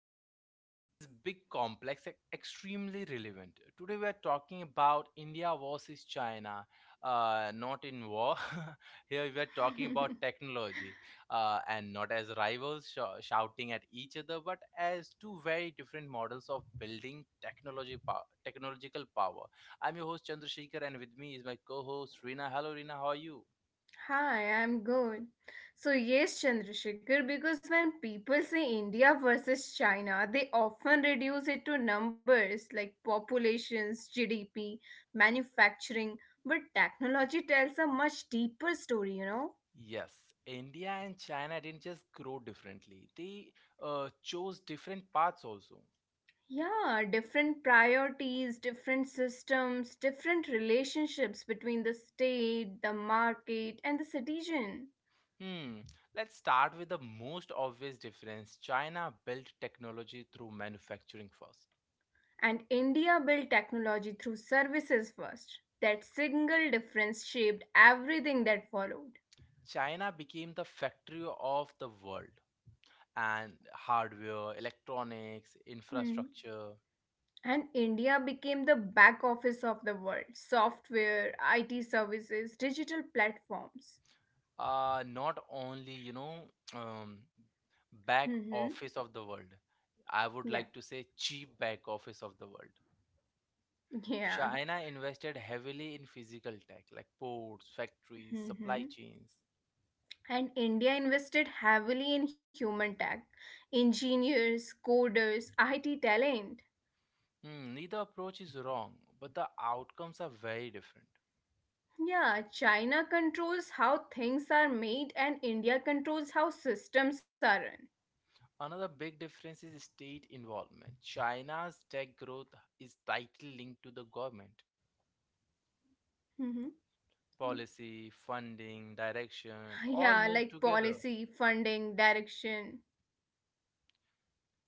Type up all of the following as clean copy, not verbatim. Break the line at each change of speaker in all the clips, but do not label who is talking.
Today's topic is big, complex, extremely relevant. Today, we are talking about India versus China, not in war. Here, we are talking about technology and not as rivals shouting at each other, but as two very different models of building technological power. I'm your host, Chandrasekhar, and with me is my co host, Rina. Hello, Rina. How are you?
Hi, I'm good. So, yes, Chandrasekhar, because when people say India versus China, they often reduce it to numbers like populations, GDP, manufacturing, but technology tells a much deeper story, you know?
Yes, India and China didn't just grow differently, they chose different paths also.
Yeah, different priorities, different systems, different relationships between the state, the market, and the citizen.
Hmm, let's start with the most obvious difference. China built technology through manufacturing first.
And India built technology through services first. That single difference shaped everything that followed.
China became the factory of the world and hardware, electronics,
Hmm.
infrastructure,
And India became the back office of the world software, IT services, digital platforms.
not only, um, back
Hmm.
office of the world. I would
Yeah,
like to say cheap back office of the world.
yeah.
China invested heavily in physical tech like ports, factories, supply
Hmm.
chains.
And India invested heavily in human tech, engineers, coders, IT talent.
Neither approach is wrong, but the outcomes are very different.
Yeah, China controls how things are made, and India controls how systems are run.
Another big difference is state involvement. China's tech growth is tightly linked to the government.
Mm-hmm.
Policy,
Yeah,
funding,
like policy,
direction all move
funding,
together.
direction.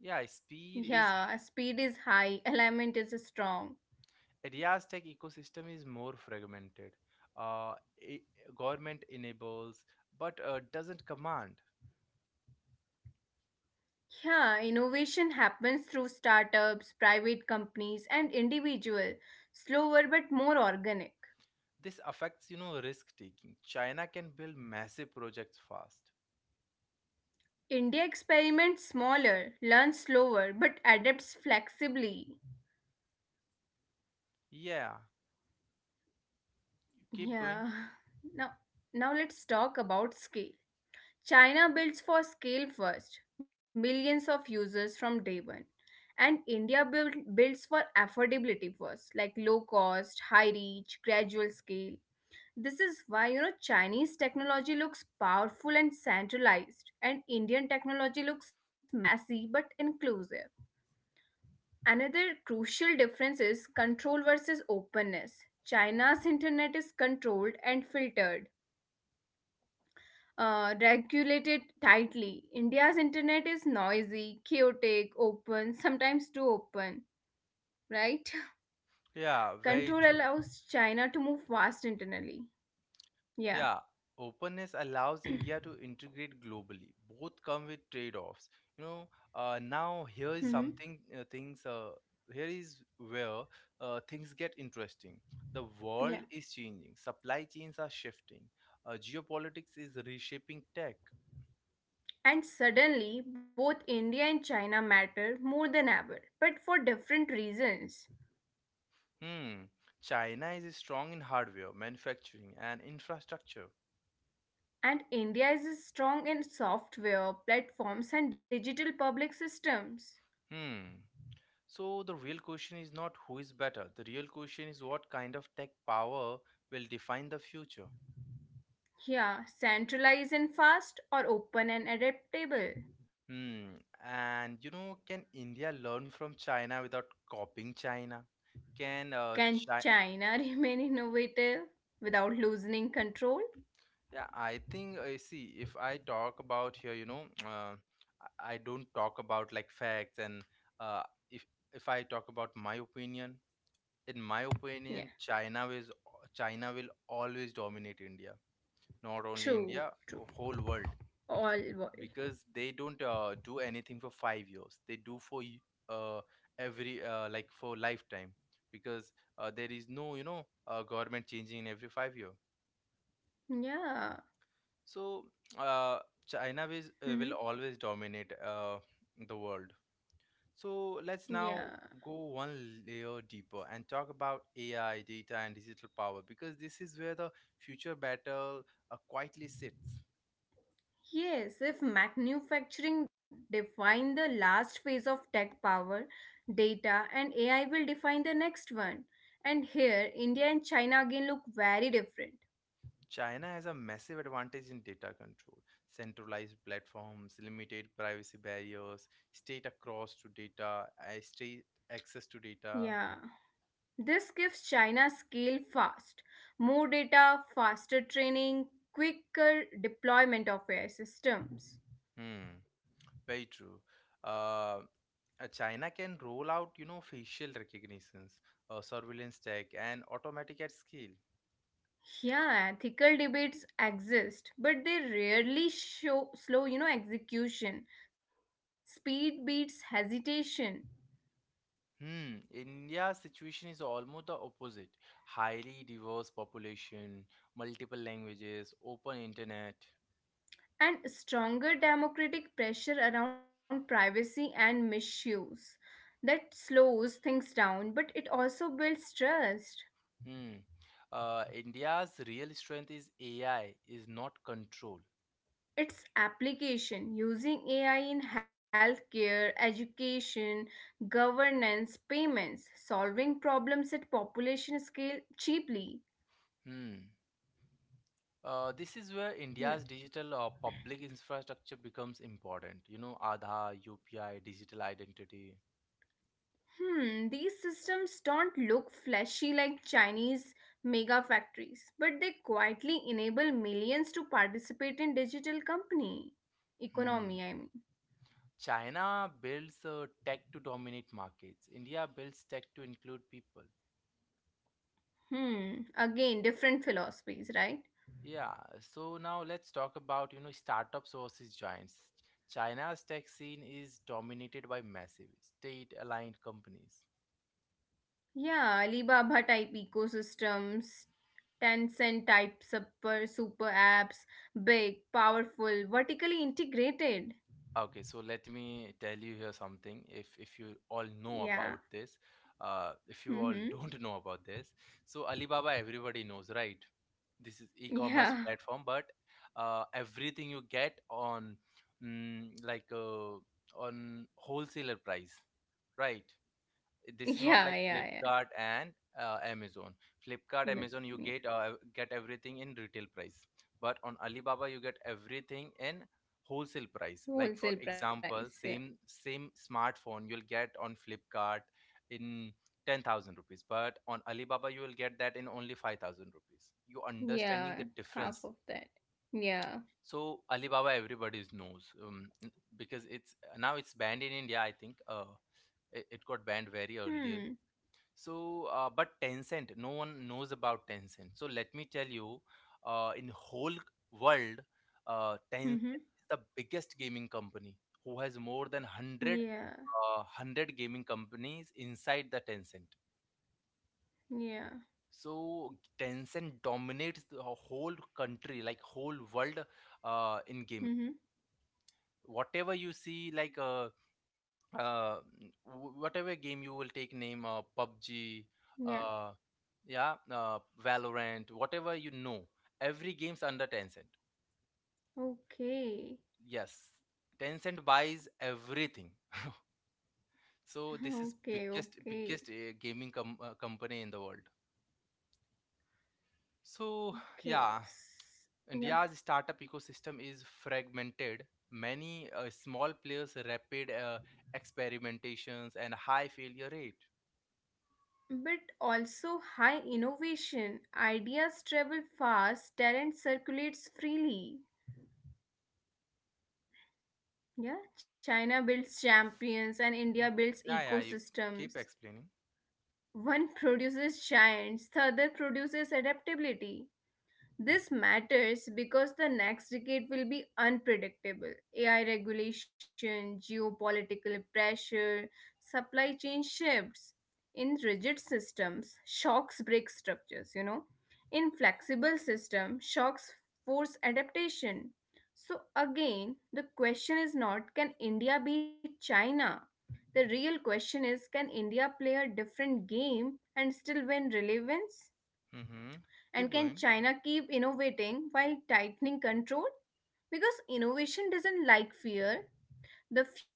Yeah, speed
speed
is.
is high, alignment is strong.
India's tech ecosystem is more fragmented. Uh, I Government enables but doesn't command.
Yeah, innovation happens through startups, private companies, and individual. Slower but more organic.
This affects, you know, risk taking. China can build massive projects fast.
India experiments smaller, learns slower, but adapts flexibly.
Yeah, you keep going.
Yeah. Now, now let's talk about scale. China builds for scale first, millions of users from day one. And India builds for affordability first, like low cost, high reach, gradual scale. This is why you know Chinese technology looks powerful and centralized, and Indian technology looks messy but inclusive. Another crucial difference is control versus openness. China's internet is controlled and filtered, regulated tightly. India's internet is noisy, chaotic, open, sometimes too open, right?
Yeah, very
Control
true.
allows China to move fast internally. Yeah.
Yeah, openness allows India to integrate globally. Both come with trade-offs. Now
Hmm.
here is where things get interesting. The
Yeah.
world is changing. Supply chains are shifting. Geopolitics is reshaping tech.
And suddenly, both India and China matter more than ever, but for different reasons.
Hmm. China is strong in hardware, manufacturing, and infrastructure.
And India is strong in software, platforms, and digital public systems.
Hmm. So the real question is not who is better. The real question is what kind of tech power will define the future.
Yeah, centralized and fast, or open and adaptable.
Hmm. And you know, can India learn from China without copying China? Can
Can
China?
China remain innovative without losing control?
Yeah, I think. See, if I talk about here, you know, I don't talk about like facts and uh, if I talk about my opinion, in my
Yeah,
opinion, China will always dominate India. Not only
true,
India,
true.
whole world,
All world.
because they don't do anything for 5 years. They do for uh, every like for lifetime, because there is no government changing in every 5 year.
Yeah.
So uh, China is will
Mhm.
always dominate the world. So let's
Yeah.
now go one layer deeper and talk about AI, data, and digital power because this is where the future battle quietly sits.
Yes, if manufacturing define the last phase of tech power, data and AI will define the next one. And here, India and China again look very different.
China has a massive advantage in data control, centralized platforms, limited privacy barriers, state access to data.
Yeah. This gives China scale fast, more data, faster training, quicker deployment of AI systems.
Hmm, very true. Uh, China can roll out, you know, facial recognitions, surveillance tech, and automatic at scale.
Yeah, ethical debates exist, but they rarely show slow, you know, execution. Speed beats hesitation
India's situation is almost the opposite. Highly diverse population, multiple languages, open internet.
and stronger democratic pressure around privacy and misuse. That slows things down, but it also builds trust.
Hmm. India's real strength is AI, is not control.
Its application using AI in healthcare, education, governance, payments, solving problems at population scale cheaply.
Hmm. This is where
Yeah.
India's digital public infrastructure becomes important. You know, Aadhaar, UPI, digital identity.
Hmm, these systems don't look flashy like Chinese mega factories, but they quietly enable millions to participate in digital company
Hmm.
economy, I mean.
China builds tech to dominate markets. India builds tech to include people.
Hmm, again, different philosophies, right?
Yeah, so now let's talk about, you know, startups versus giants. China's tech scene is dominated by massive state-aligned companies.
Yeah, Alibaba type ecosystems, Tencent type super apps, big, powerful, vertically integrated.
Okay, so let me tell you here something. If you all know
Yeah.
about this, if you all
Mm-hmm.
don't know about this, so Alibaba everybody knows, right? This is e-commerce
Yeah.
platform, but everything you get on mm, like uh, on wholesaler price, right? This is not
Yeah,
like
yeah, yeah.
Flipkart and Amazon. Flipkart, Amazon, you
Yeah.
get everything in retail price, but on Alibaba you get everything in wholesale price. Like for
Wholesale price.
example,
Yeah.
same smartphone you'll get on Flipkart in 10,000 rupees, but on Alibaba you will get that in only 5,000 rupees. You understanding
Yeah,
the
half
difference?
of that. Yeah.
So Alibaba everybody knows because it's banned in India. I think it got banned very early
Hmm.
so, but Tencent, no one knows about Tencent. So let me tell you, in whole world, Tencent
Mm-hmm.
is the biggest gaming company who has more than 100,
Yeah.
uh, 100 gaming companies inside the Tencent.
Yeah.
So Tencent dominates the whole country, like whole world, in gaming.
Mm-hmm.
Whatever you see, uh, whatever game you will take name PUBG,
Yeah.
uh, yeah uh, Valorant, whatever you know, every game's under Tencent.
Okay.
Yes, Tencent buys everything, so this is
Okay,
biggest
okay.
biggest company in the world, so
Okay.
yeah.
Yeah.
India's startup ecosystem is fragmented. Many small players, rapid experimentations, and high failure rate.
But also high innovation. Ideas travel fast, talent circulates freely. Yeah, China builds champions and
Mm.
India builds
Yeah, yeah, you keep
ecosystems.
explaining.
One produces giants, the other produces adaptability. This matters because the next decade will be unpredictable. AI regulation, geopolitical pressure, supply chain shifts. In rigid systems, shocks break structures, you know. In flexible systems, shocks force adaptation. So again, the question is not can India beat China? The real question is can India play a different game and still win relevance?
Mm-hmm. Keep
And
going.
can China keep innovating while tightening control? Because innovation doesn't like fear,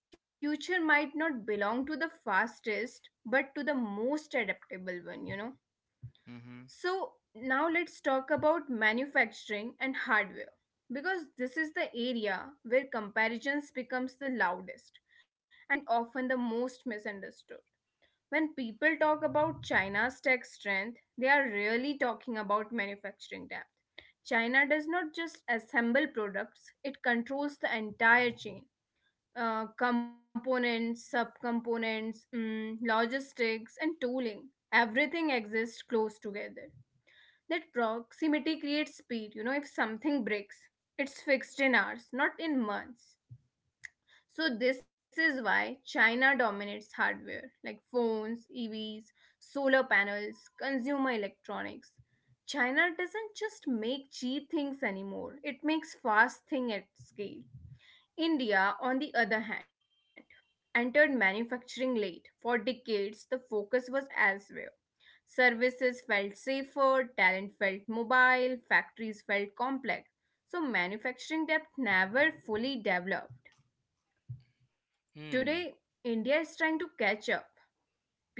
the future might not belong to the fastest, but to the most adaptable one, you know.
Mm-hmm.
So, now let's talk about manufacturing and hardware because this is the area where comparisons becomes the loudest and often the most misunderstood when people talk about China's tech strength, they are really talking about manufacturing depth. China does not just assemble products, it controls the entire chain components, subcomponents, logistics, and tooling. Everything exists close together. That proximity creates speed. You know, if something breaks, it's fixed in hours, not in months. So this is why China dominates hardware like phones, EVs, solar panels, consumer electronics. China doesn't just make cheap things anymore. It makes fast thing at scale. India, on the other hand, entered manufacturing late. For decades, the focus was elsewhere. Services felt safer, talent felt mobile, factories felt complex. So manufacturing depth never fully developed.
Hmm.
Today, India is trying to catch up.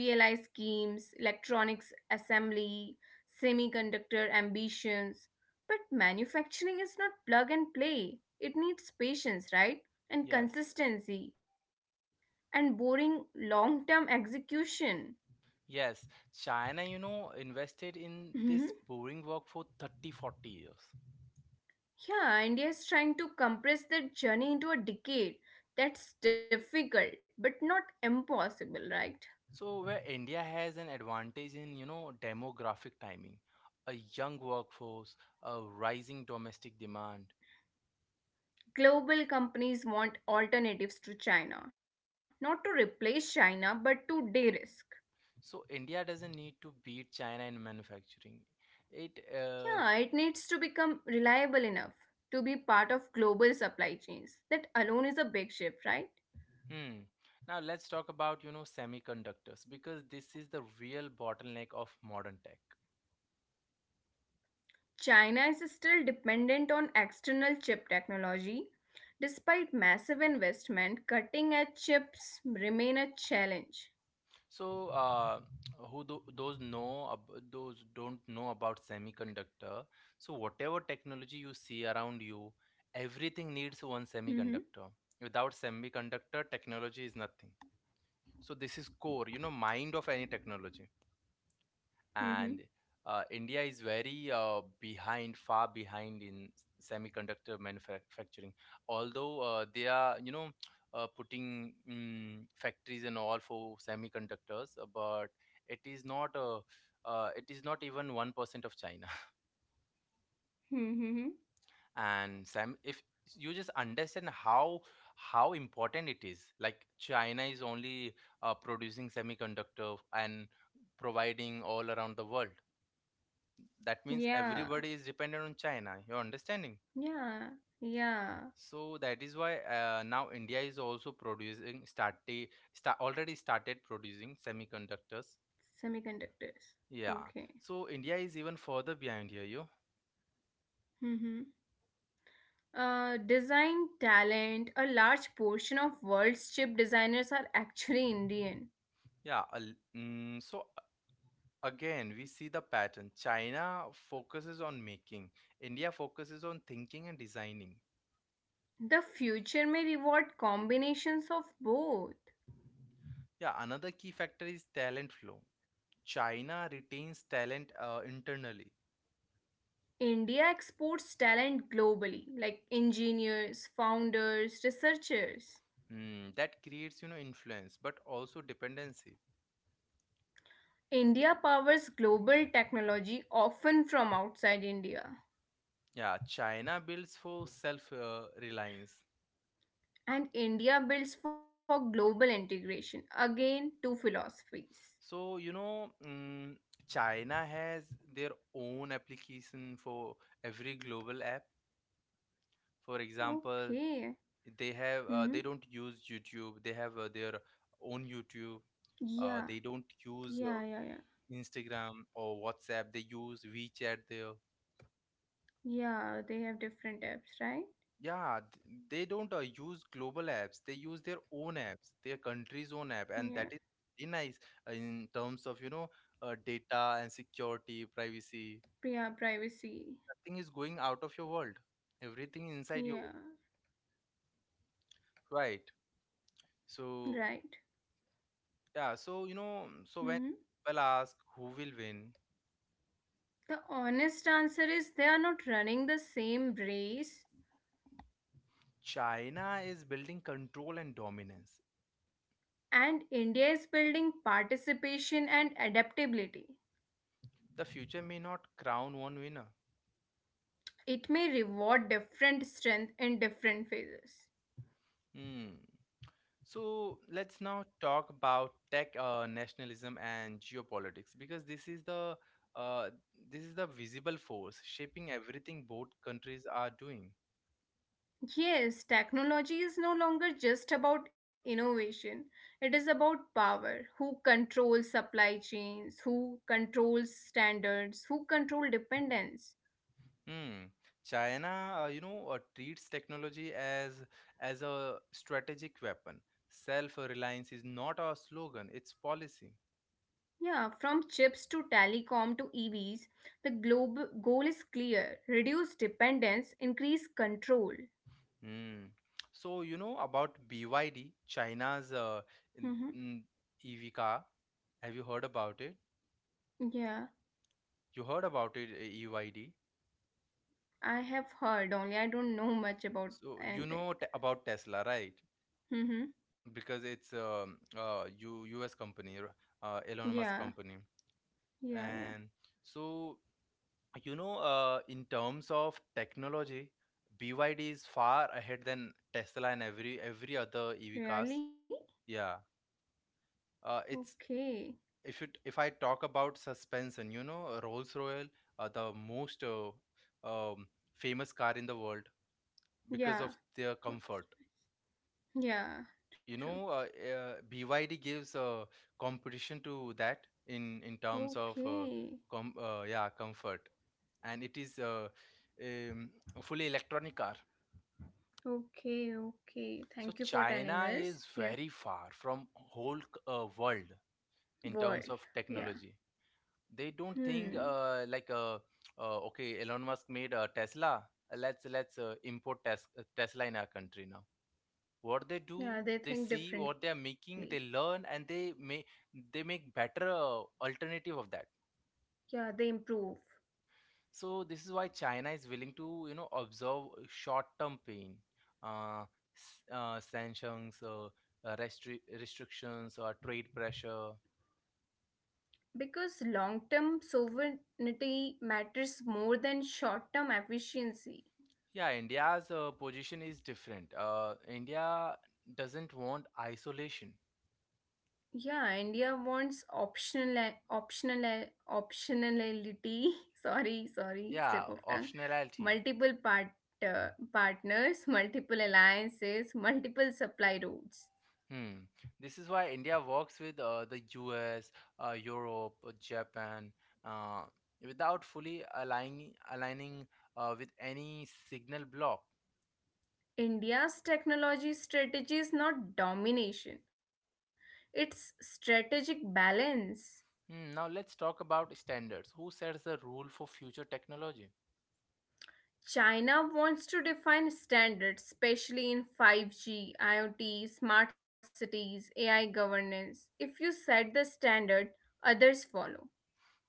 PLI schemes, electronics assembly, semiconductor ambitions. But manufacturing is not plug and play. It needs patience, right?
Yes.
And consistency. And boring long term execution.
Yes. China, you know, invested in this
Mhm.
boring work for 30, 40 years.
Yeah, India is trying to compress that journey into a decade. That's difficult, but not impossible, right?
So, where India has an advantage in, you know, demographic timing, a young workforce, a rising domestic demand.
Global companies want alternatives to China, not to replace China, but to de risk.
So, India doesn't need to beat China in manufacturing. It, uh,
Yeah, it needs to become reliable enough to be part of global supply chains. That alone is a big shift, right?
hmm. Now, let's talk about, you know, semiconductors because this is the real bottleneck of modern tech.
China is still dependent on external chip technology. Despite massive investment, cutting edge chips remain a challenge.
So, those those don't know about semiconductor. So, whatever technology you see around you, everything needs one
Mm-hmm,
semiconductor. Without semiconductor, technology is nothing. So, this is core, you know, mind of any technology and
mm-hmm,
India is far behind in semiconductor manufacturing. Although they are, putting factories and all for semiconductors, but it is not a, it is not even 1% of China.
mm-hmm. Mm-hmm.
And Sam, if you just understand how important it is, like China is only producing semiconductor and providing all around the world, that means
Yeah,
everybody is dependent on China. You're understanding?
yeah, yeah.
So that is why now India is also already started producing semiconductors,
Semiconductors.
yeah.
Okay.
So India is even further behind here. You
Mm-hmm. Design talent, a large portion of world's chip designers are actually Indian.
yeah al- mm, So again we see the pattern. China focuses on making, India focuses on thinking and designing.
The future may reward combinations of both.
Yeah, another key factor is talent flow. China retains talent internally.
India exports talent globally, like engineers, founders, researchers.
Hmm, that creates, you know, influence, but also dependency.
India powers global technology often from outside India.
Yeah, China builds for self reliance.
And India builds for global integration. Again, two philosophies.
So, China has their own application for every global app. For example,
Okay.
they have they don't
Hmm.
use YouTube. They have their own YouTube.
Yeah,
They don't use
yeah, yeah, yeah.
Instagram or WhatsApp. They use WeChat there.
Yeah, they have different apps, right?
Yeah, th- they don't use global apps. They use their own apps, their country's own app, and that
Yeah.
is very nice in terms of, you know, data and security, privacy.
Yeah, privacy.
Nothing is going out of your world. Everything inside you,
Yeah,
right? So,
right.
yeah, so, you know, so
Hmm.
when people ask who will win,
The honest answer is they are not running the same race,
China is building control and dominance.
and India is building participation and adaptability.
The future may not crown one winner.
It may reward different strength in different phases.
Hmm. So let's now talk about tech nationalism and geopolitics because uh, this is the visible force shaping everything both countries are doing.
Yes, technology is no longer just about innovation. It is about power. Who controls supply chains? Who controls standards? Who control dependence?
Hmm. Treats technology as a strategic weapon. Self-reliance is not a slogan; it's policy.
Yeah, from chips to telecom to EVs, the global goal is clear reduce dependence, increase control.
Hmm. So you know about BYD, China's
Hmm.
n- EV car. Have you heard about it?
Yeah,
You heard about it, EYD?
I have heard only, I don't know much about
So you know
anything.
t about Tesla, right?
Hmm.
Because it's U US company, Elon Musk
Yeah,
company,
yeah, yeah.
and so you know, in terms of technology, BYD is far ahead than Tesla and every other EV cars.
Really?
Yeah, it's
Okay.
if you if I talk about suspension, you know, Rolls-Royce, the most um, famous car in the world because of
Yeah.
their comfort,
What's- Yeah,
you
true.
know uh, BYD gives competition to that in terms of
Okay.
com yeah, comfort, and it is um, a fully electronic car.
Okay, okay.
So
Thank you for
China
telling
is
us.
very
Yeah,
far from world in
world.
terms of
Yeah.
technology. They don't think
Hmm.
okay, Elon Musk made a Tesla, Tesla in our country. Now what they do,
Yeah,
they
they think
see what they are
differently.
making, they learn, and they make better alternative of that.
Yeah, they improve
So this is why China is willing to, you know, observe short term pain, uh, sanctions, restrictions, or trade pressure.
because long term sovereignty matters more than short term efficiency.
Yeah, india's position is different. India doesn't want isolation.
Yeah, India wants optionality. Sorry, sorry,
Yeah,
slip of tongue.
optionality.
Multiple partners, multiple alliances, multiple supply routes.
Hmm. This is why India works with the US, Europe, Japan, uh, without fully aligning aligning with any signal block.
India's technology strategy is not domination; it's strategic balance.
Hmm. Now let's talk about standards. Who sets the rule for future technology?
China wants to define standards, especially in 5G, IoT, smart cities, AI governance. If you set the standard, others follow.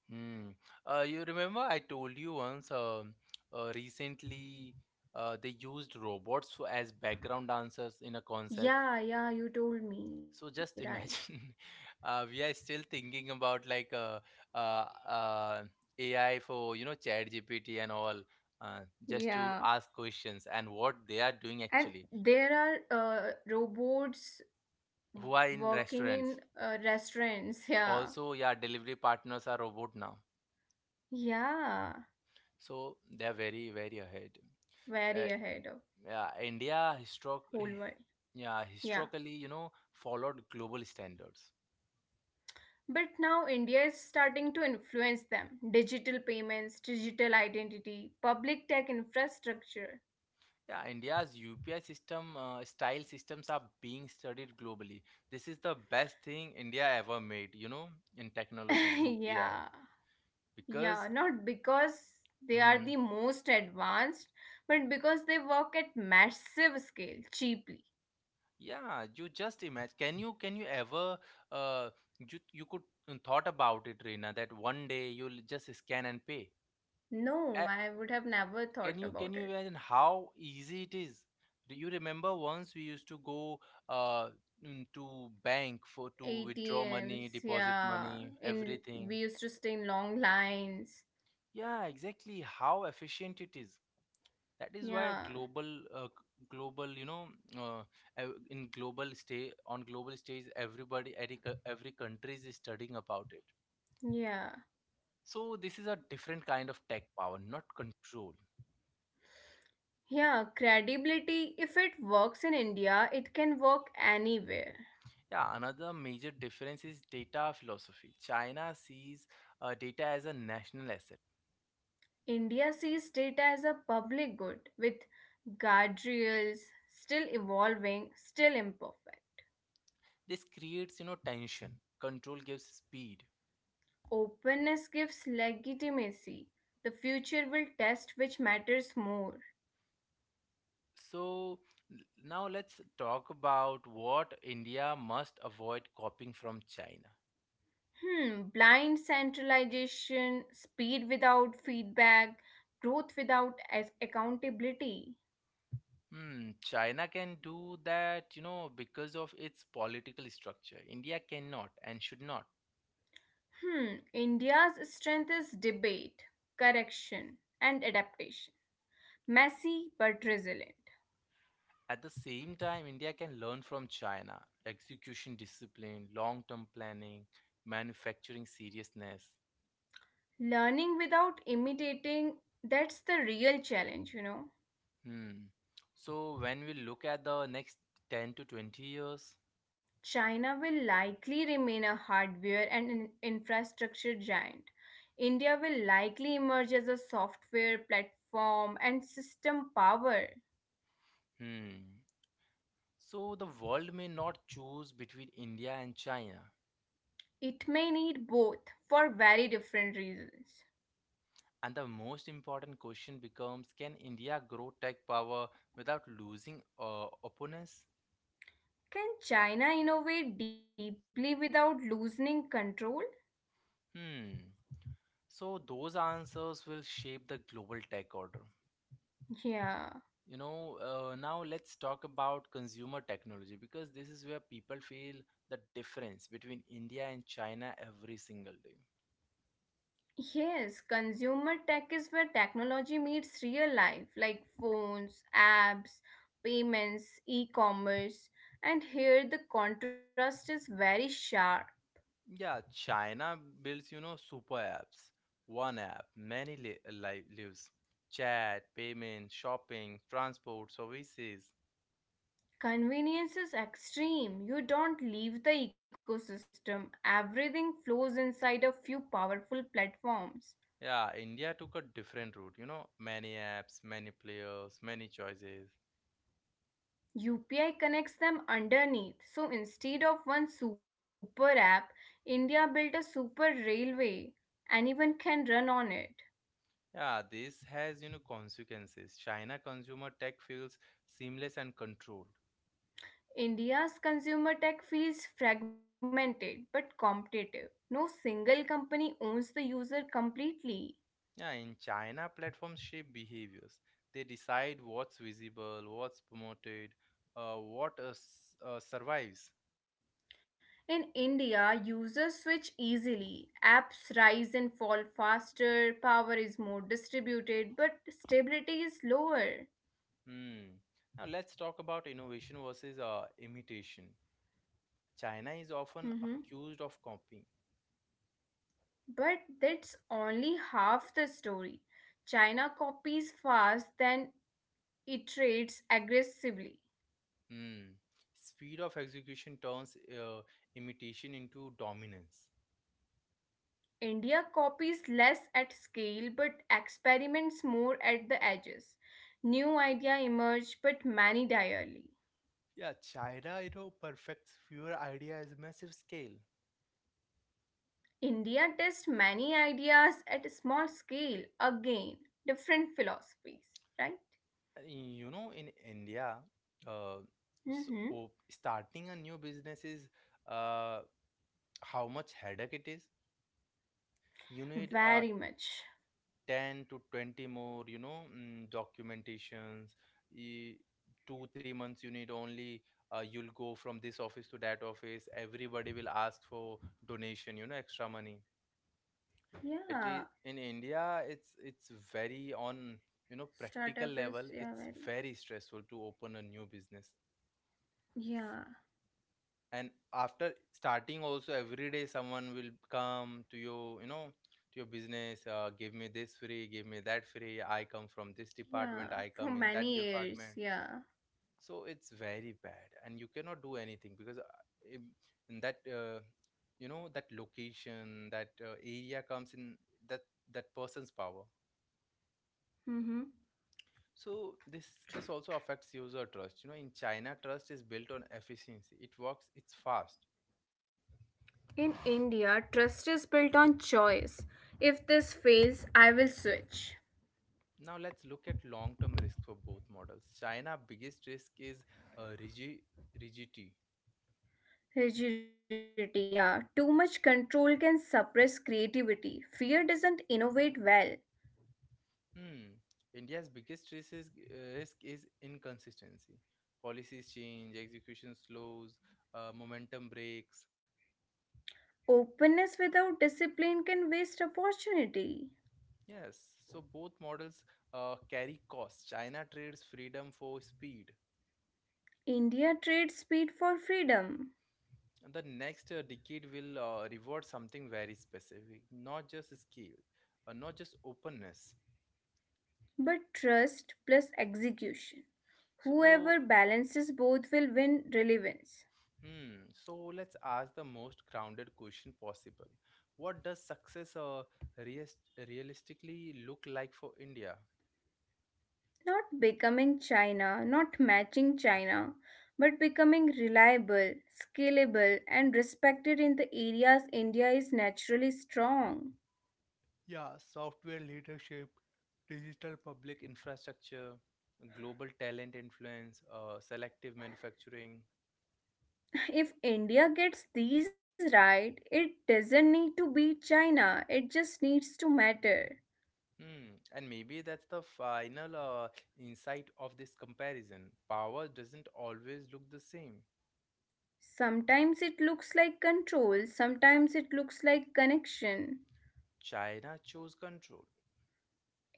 Hmm. You remember I told you once recently they used robots for, as background dancers in a concert.
Yeah, yeah, you told me,
So
right.
just imagine, we are still thinking about uh, uh, AI for you know Chat GPT and all, uh, just
Yeah.
to ask questions, and what they are doing
And
actually.
there are robots
Who are in
working
restaurants?
in restaurants. Yeah.
Also, yeah, delivery partners are robot now,
Yeah.
so they are very ahead. Uh,
Very ahead of
yeah, India historic,
whole world.
yeah,
Yeah.
historically you know followed global standards.
But now India is starting to influence them digital payments, digital identity, public tech infrastructure.
Yeah, India's UPI system style systems are being studied globally. This is the best thing India ever made, you know, in technology, UPI.
Yeah, yeah,
Because
not because they are
mm,
the most advanced, but because they work at massive scale cheaply.
yeah, you just imagine. Can you ever uh you you could thought about it, Reena, that one day you'll just scan and pay.
No,
Uh,
I would have never
can
thought
you can
about
you
it.
imagine how easy it is? Do you remember once we used to go uh to bank for to withdraw money,
ATMs,
deposit
yeah,
money,
in
everything?
we used to stay in long lines.
Yeah, exactly how efficient it is. That is why
Yeah,
global, you know, uh, in global stage, everybody, every country is studying about it.
yeah.
So this is a different kind of tech power, not control.
Yeah, credibility, if it works in India, it can work anywhere.
Yeah, another major difference is data philosophy. China sees data as a national asset.
India sees data as a public good with guardrails, still evolving, still imperfect.
This creates, you know, tension. Control gives speed.
Openness gives legitimacy. The future will test which matters more.
So now let's talk about what India must avoid copying from China.
Hmm, blind centralization, speed without feedback, growth without accountability.
Hmm, China can do that, you know, because of its political structure. India cannot and should not.
Hmm, India's strength is debate, correction, and adaptation. Messy but resilient.
At the same time, India can learn from China execution discipline, long term planning, manufacturing seriousness.
Learning without imitating, that's the real challenge, you know.
Hmm. So when we look at the next 10 to 20 years,
China will likely remain a hardware and an infrastructure giant. India will likely emerge as a software platform and system power.
hmm. So the world may not choose between India and China.
It may need both for very different reasons.
And the most important question becomes, can India grow tech power without losing opponents?
Can China innovate deeply without loosening control?
Hmm. So those answers will shape the global tech order.
Yeah.
You know, now let's talk about consumer technology because this is where people feel the difference between India and China every single day.
Yes, consumer tech is where technology meets real life, like phones, apps, payments, e commerce. And here the contrast is very sharp.
Yeah, China builds, you know, super apps. One app, many lives. Chat, payment, shopping, transport, services.
Convenience is extreme. You don't leave the ecosystem, everything flows inside a few powerful platforms.
Yeah, India took a different route, you know, many apps, many players, many choices.
UPI connects them underneath. So instead of one super app, India built a super railway. Anyone can run on it.
Yeah, this has, you know, consequences. China consumer tech feels seamless and controlled.
India's consumer tech feels fragmented but competitive. No single company owns the user completely.
Yeah, in China, platforms shape behaviors. They decide what's visible, what's promoted, survives.
In India, users switch easily. Apps rise and fall faster, power is more distributed, but stability is lower.
Hmm. Now let's talk about innovation versus imitation. China is often
Mhm.
accused of copying.
But that's only half the story. China copies fast, then iterates aggressively.
Hmm. Speed of execution turns imitation into dominance.
India copies less at scale but experiments more at the edges. New ideas emerge but many die early.
Yeah, China, you know, perfects fewer ideas at massive scale.
India tests many ideas at a small scale, again, different philosophies, right?
You know, in India, uh,
Mm-hmm.
starting a new business is uh, how much headache it is. You need
Very much.
10 to 20 more you know documentations y- 2 3 months you need only, you'll go from this office to that office, everybody will ask for donation, you know, extra money. It
Yeah.
is in india, it's very on, you know, practical
Startup is,
level
yeah,
it's
very.
very stressful to open a new business.
Yeah.
And after starting also, every day someone will come to you, you know, to your business. Give me this free, give me that free, I come from this
Yeah.
department, I
For
come in that
many years,
department.
yeah.
So it's very bad and you cannot do anything because in, in that you know that location, that area comes in that that person's power.
Mm-hmm.
So this also affects user trust, you know. In china, trust is built on efficiency, it works, it's fast.
In India, trust is built on choice. If this fails, I will switch.
Now let's look at long-term risks for both models. China's biggest risk is uh, rigi- rigidity.
Rigidity, yeah. Too much control can suppress creativity. Fear doesn't innovate well.
Hmm. India's biggest risk is, inconsistency. Policies change, execution slows, momentum breaks.
Openness without discipline can waste opportunity.
Yes, so both models carry costs. China trades freedom for speed.
India trades speed for freedom,
And the next decade will reward something very specific, not just scale, not just openness.
but trust plus execution.
So.
Whoever balances both will win relevance.
Hmm. So let's ask the most grounded question possible. What does success realis- realistically look like for India?
Not becoming China, not matching China, but becoming reliable, scalable, and respected in the areas India is naturally strong.
Yeah, software leadership, digital public infrastructure, global talent influence, selective manufacturing.
If India gets these right, it doesn't need to beat China, it just needs to matter.
Hmm. And maybe that's the final insight of this comparison. Power doesn't always look the same.
Sometimes it looks like control, sometimes it looks like connection.
China chose control.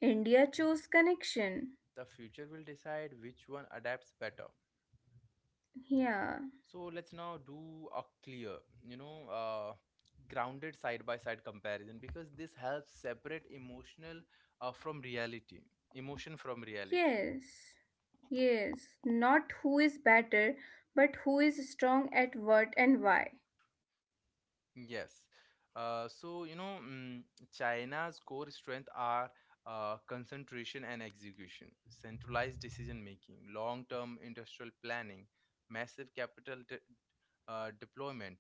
India chose connection.
The future will decide which one adapts better.
Yeah,
So let's now do a clear, you know, grounded side by side comparison, because this helps separate uh, from reality, emotion from reality.
yes, yes. Not who is better, but who is strong at what and why.
Yes. So, you know, China's core strength are concentration and execution, centralized decision making, long term industrial planning, massive deployment.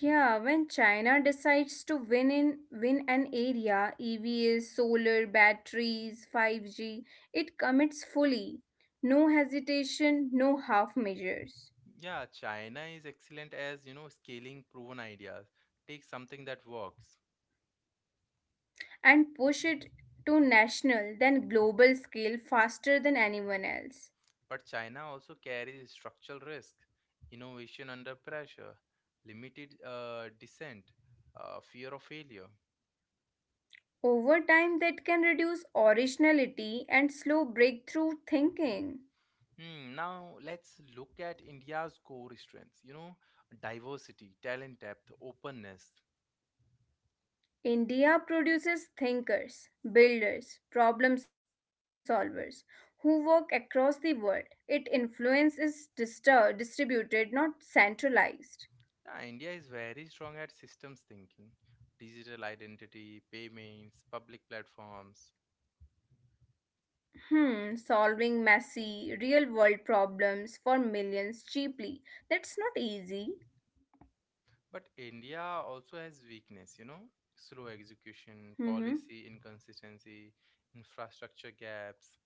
Yeah, when China decides to win an area, EVs, solar, batteries, 5G, it commits fully. No hesitation, no half measures.
Yeah, China is excellent as, you know, scaling proven ideas. Take something that works.
And push it to national, then global scale faster than anyone else.
But China also carries structural risk, innovation under pressure, limited dissent, fear of failure.
Over time that can reduce originality and slow breakthrough thinking.
Hmm, now let's look at India's core strengths, you know, diversity, talent depth, openness.
India produces thinkers, builders, problem solvers who work across the world. Its influence is distributed, not centralized.
Yeah, India is very strong at systems thinking, digital identity, payments, public platforms.
Hmm, solving messy, real world problems for millions cheaply. That's not easy.
But India also has weakness, you know, slow execution,
Hmm.
policy inconsistency, infrastructure gaps.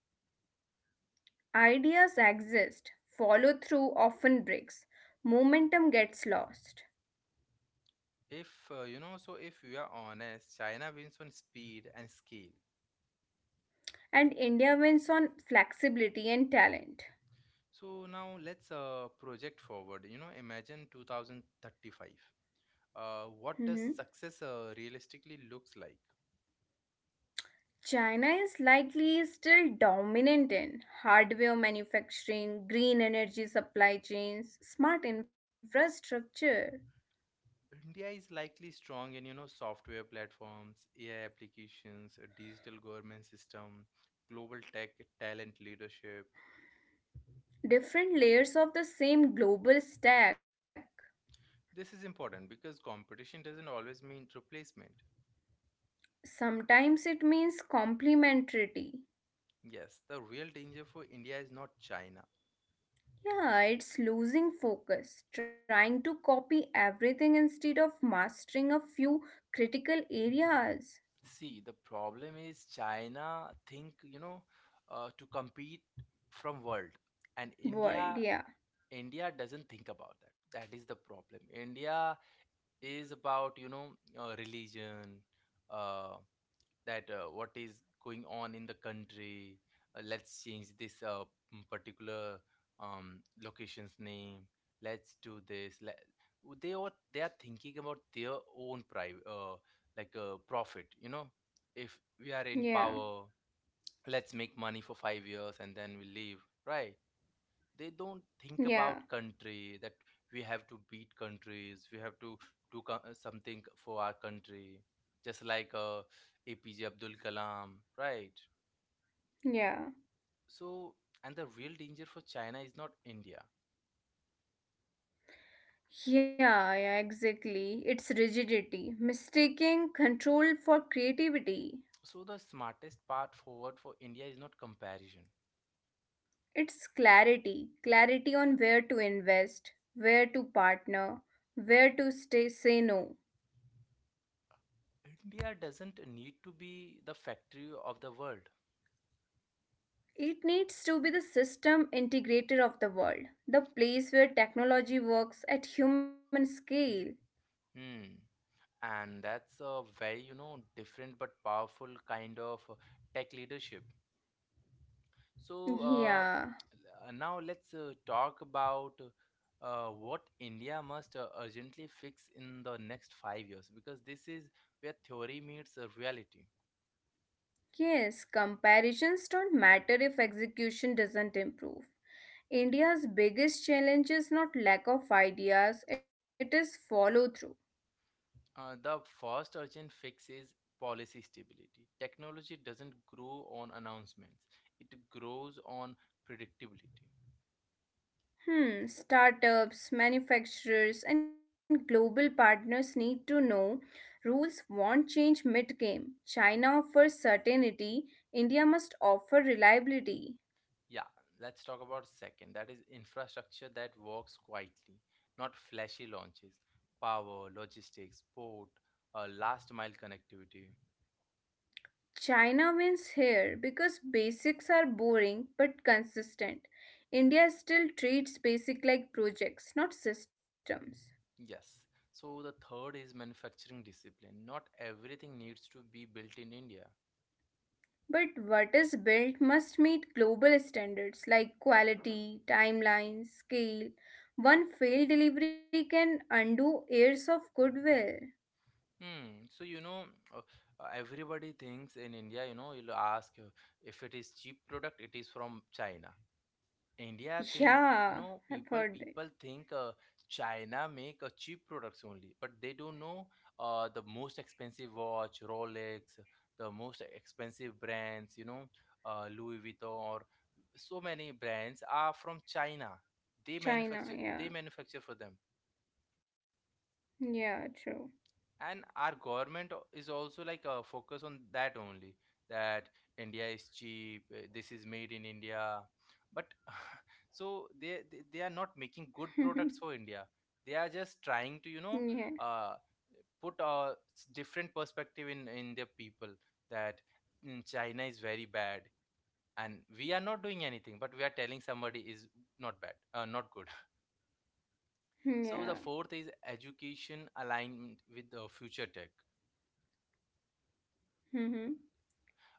Ideas exist, follow through often breaks, momentum gets lost,
If You know, so if we are honest, China wins on speed and scale.
and India wins on flexibility and talent.
So now let's project forward. You know, imagine 2035. What
Hmm.
does success realistically looks like?
China is likely still dominant in hardware manufacturing, green energy supply chains, smart infrastructure,
India is likely strong in, you know, software platforms, AI applications, a digital government system, global tech talent leadership.
different layers of the same global stack.
This is important because competition doesn't always mean replacement.
Sometimes it means complementarity.
Yes, the real danger for India is not China.
Yeah, it's losing focus, trying to copy everything instead of mastering a few critical areas.
See, the problem is China think, you know, to compete from world, and India
World, yeah,
india doesn't think about that. That is the problem. India is about, you know, religion, uh, that what is going on in the country. Let's change this particular location's name, let's do this, they are thinking about their own private profit, you know. If we are in
yeah,
power, let's make money for 5 years and then we leave, right. They don't think about
yeah,
country, that we have to beat countries, we have to do something for our country, just like apj abdul kalam, right.
yeah.
So and the real danger for china is not india.
Yeah, yeah, exactly. It's rigidity, mistaking control for creativity.
So the smartest path forward for india is not comparison.
It's clarity, clarity on where to invest, where to partner, where to stay, say no.
India doesn't need to be the factory of the world.
It needs to be the system integrator of the world, the place where technology works at human scale.
Hmm. And that's a very, you know, different but powerful kind of tech leadership. So uh,
Yeah,
uh, now let's talk about what India must urgently fix in the next 5 years, because this is where theory meets reality.
yes, comparisons don't matter if execution doesn't improve. India's biggest challenge is not lack of ideas, it is follow through.
The first urgent fix is policy stability. Technology doesn't grow on announcements, it grows on predictability.
Hmm, startups, manufacturers, and global partners need to know rules won't change mid game. China offers certainty, India must offer reliability.
Yeah, let's talk about second. That is infrastructure that works quietly, not flashy launches. Power, logistics, port, last mile connectivity.
China wins here because basics are boring but consistent. India still treats basic like projects, not systems.
Yes. So the third is manufacturing discipline. Not everything needs to be built in India.
But what is built must meet global standards like quality, timeline, scale. One failed delivery can undo years of goodwill.
Hmm. So, you know, uh, everybody thinks in India. You know, you'll ask, if it is cheap product, it is from China. India think You
Yeah,
know,
I've
people
heard that.
people think, China make cheap products only, but they don't know the most expensive watch, Rolex, the most expensive brands, you know, Louis Vuitton or so many brands are from China. They
China,
manufacture
yeah.
they manufacture for them.
Yeah, true.
And our government is also like a focus on that only, that india is cheap, this is made in india, but so they are not making good products for india, they are just trying to, you
Yeah,
know, uh, put a different perspective in their people, that china is very bad and we are not doing anything, but we are telling somebody is not good. So the
yeah.
fourth is education aligned with the future tech,
Mm-hmm.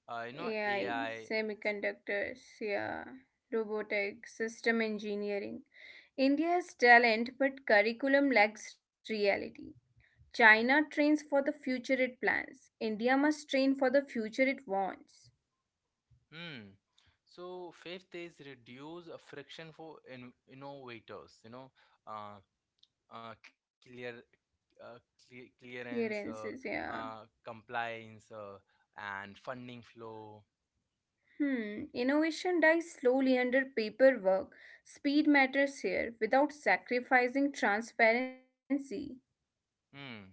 you know,
AI,
AI.
semiconductors, yeah. Robotics, system engineering. India has talent, but curriculum lacks reality. China trains for the future it plans. India must train for the future it wants.
Hmm. So fifth is reduce friction for innovators. You know, uh, clear, uh, clearance,
Clearances, yeah.
compliance, and funding flow.
Hmm. Innovation dies slowly under paperwork. Speed matters here without sacrificing transparency.
Hmm.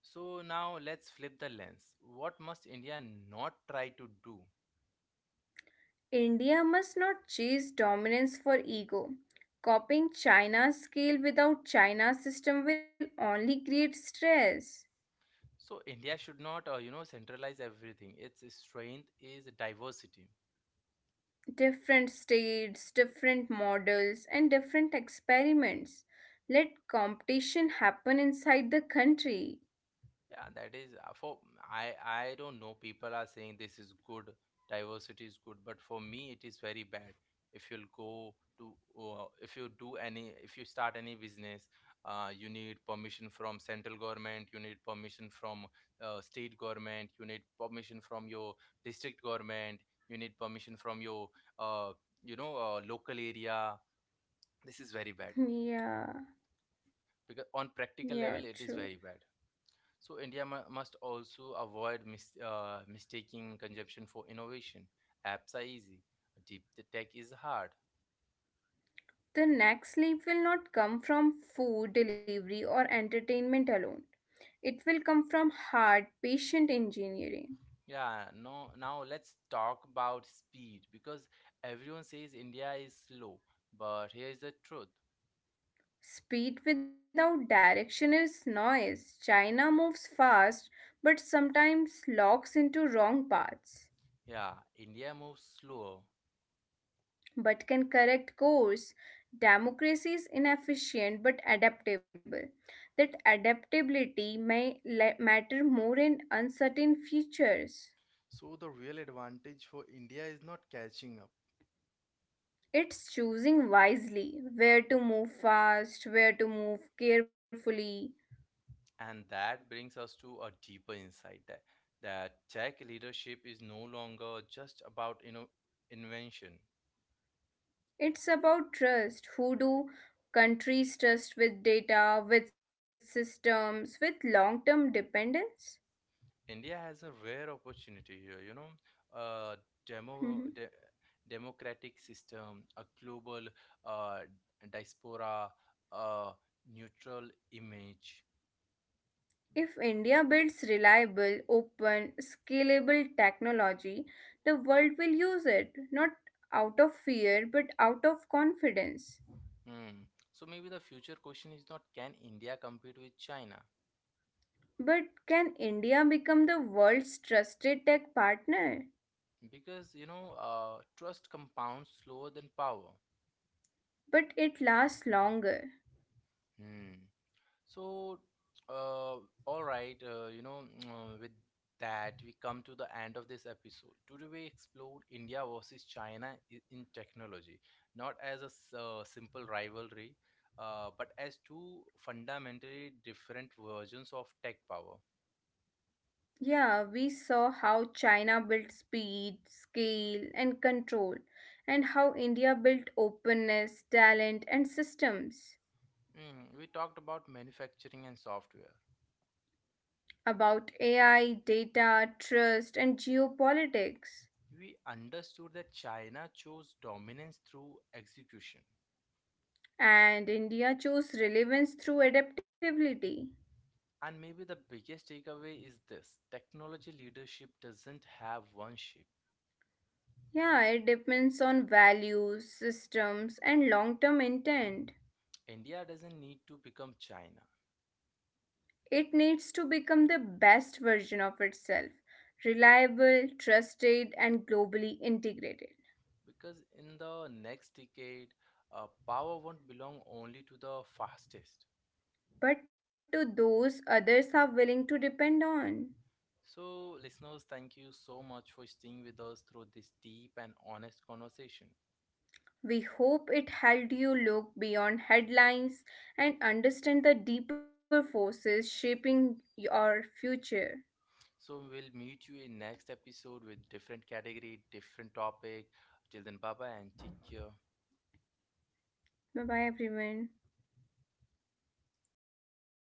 So now let's flip the lens. What must India not try to do?
India must not chase dominance for ego. Copying China's scale without China's system will only create stress.
So India should not, you know, centralize everything. Its strength is diversity.
Different states, different models, and different experiments. Let competition happen inside the country.
Yeah, that is for I don't know. People are saying this is good, diversity is good, but for me it is very bad. If you'll go to, if you do any, if you start any business, you need permission from central government, you need permission from state government, you need permission from your district government, you need permission from your uh, you know local area. This is very bad
Yeah,
because on practical
yeah,
level it
true.
is very bad. So India must also avoid mistaking consumption for innovation. Apps are easy, deep the tech is hard.
The next leap will not come from food delivery or entertainment alone. It will come from hard, patient engineering.
Yeah, no. Now let's talk about speed because everyone says India is slow, but here is the truth.
Speed without direction is noise. China moves fast but sometimes locks into wrong paths.
Yeah, India moves slower.
But can correct course. Democracy is inefficient but adaptable. That adaptability may matter more in uncertain futures.
So the real advantage for India is not catching up.
It's choosing wisely where to move fast, where to move carefully.
And that brings us to a deeper insight, that that tech leadership is no longer just about you invention.
It's about trust. Who do countries trust with data, with systems, with long term dependence?
India has a rare opportunity here, you know, a demo de- democratic system, a global uh, diaspora, a neutral image.
If India builds reliable, open, scalable technology, the world will use it, not out of fear but out of confidence.
Hmm. So maybe the future question is not, can India compete with China?
But can India become the world's trusted tech partner?
Because, you know, trust compounds slower than power.
But it lasts longer.
Hmm. So, uh, all right, you know, with that, we come to the end of this episode. Today, we explored India versus China in technology, not as a simple rivalry, but as two fundamentally different versions of tech power.
Yeah, we saw how China built speed, scale, and control, and how India built openness, talent, and systems.
We talked about manufacturing and software.
About AI, data, trust, and geopolitics.
We understood that China chose dominance through execution,
And India chose relevance through adaptability.
and maybe the biggest takeaway is this: technology leadership doesn't have one shape.
Yeah, it depends on values, systems, and long term intent.
India doesn't need to become China
It needs to become the best version of itself reliable, trusted, and globally integrated.
because in the next decade, power won't belong only to the fastest.
But to those others are willing to depend on.
So, listeners, thank you so much for staying with us through this deep and honest conversation.
We hope it helped you look beyond headlines and understand the deeper forces shaping your future.
So, we'll meet you in next episode with different category, different topic. Till then, bye bye and take care.
Bye bye, everyone.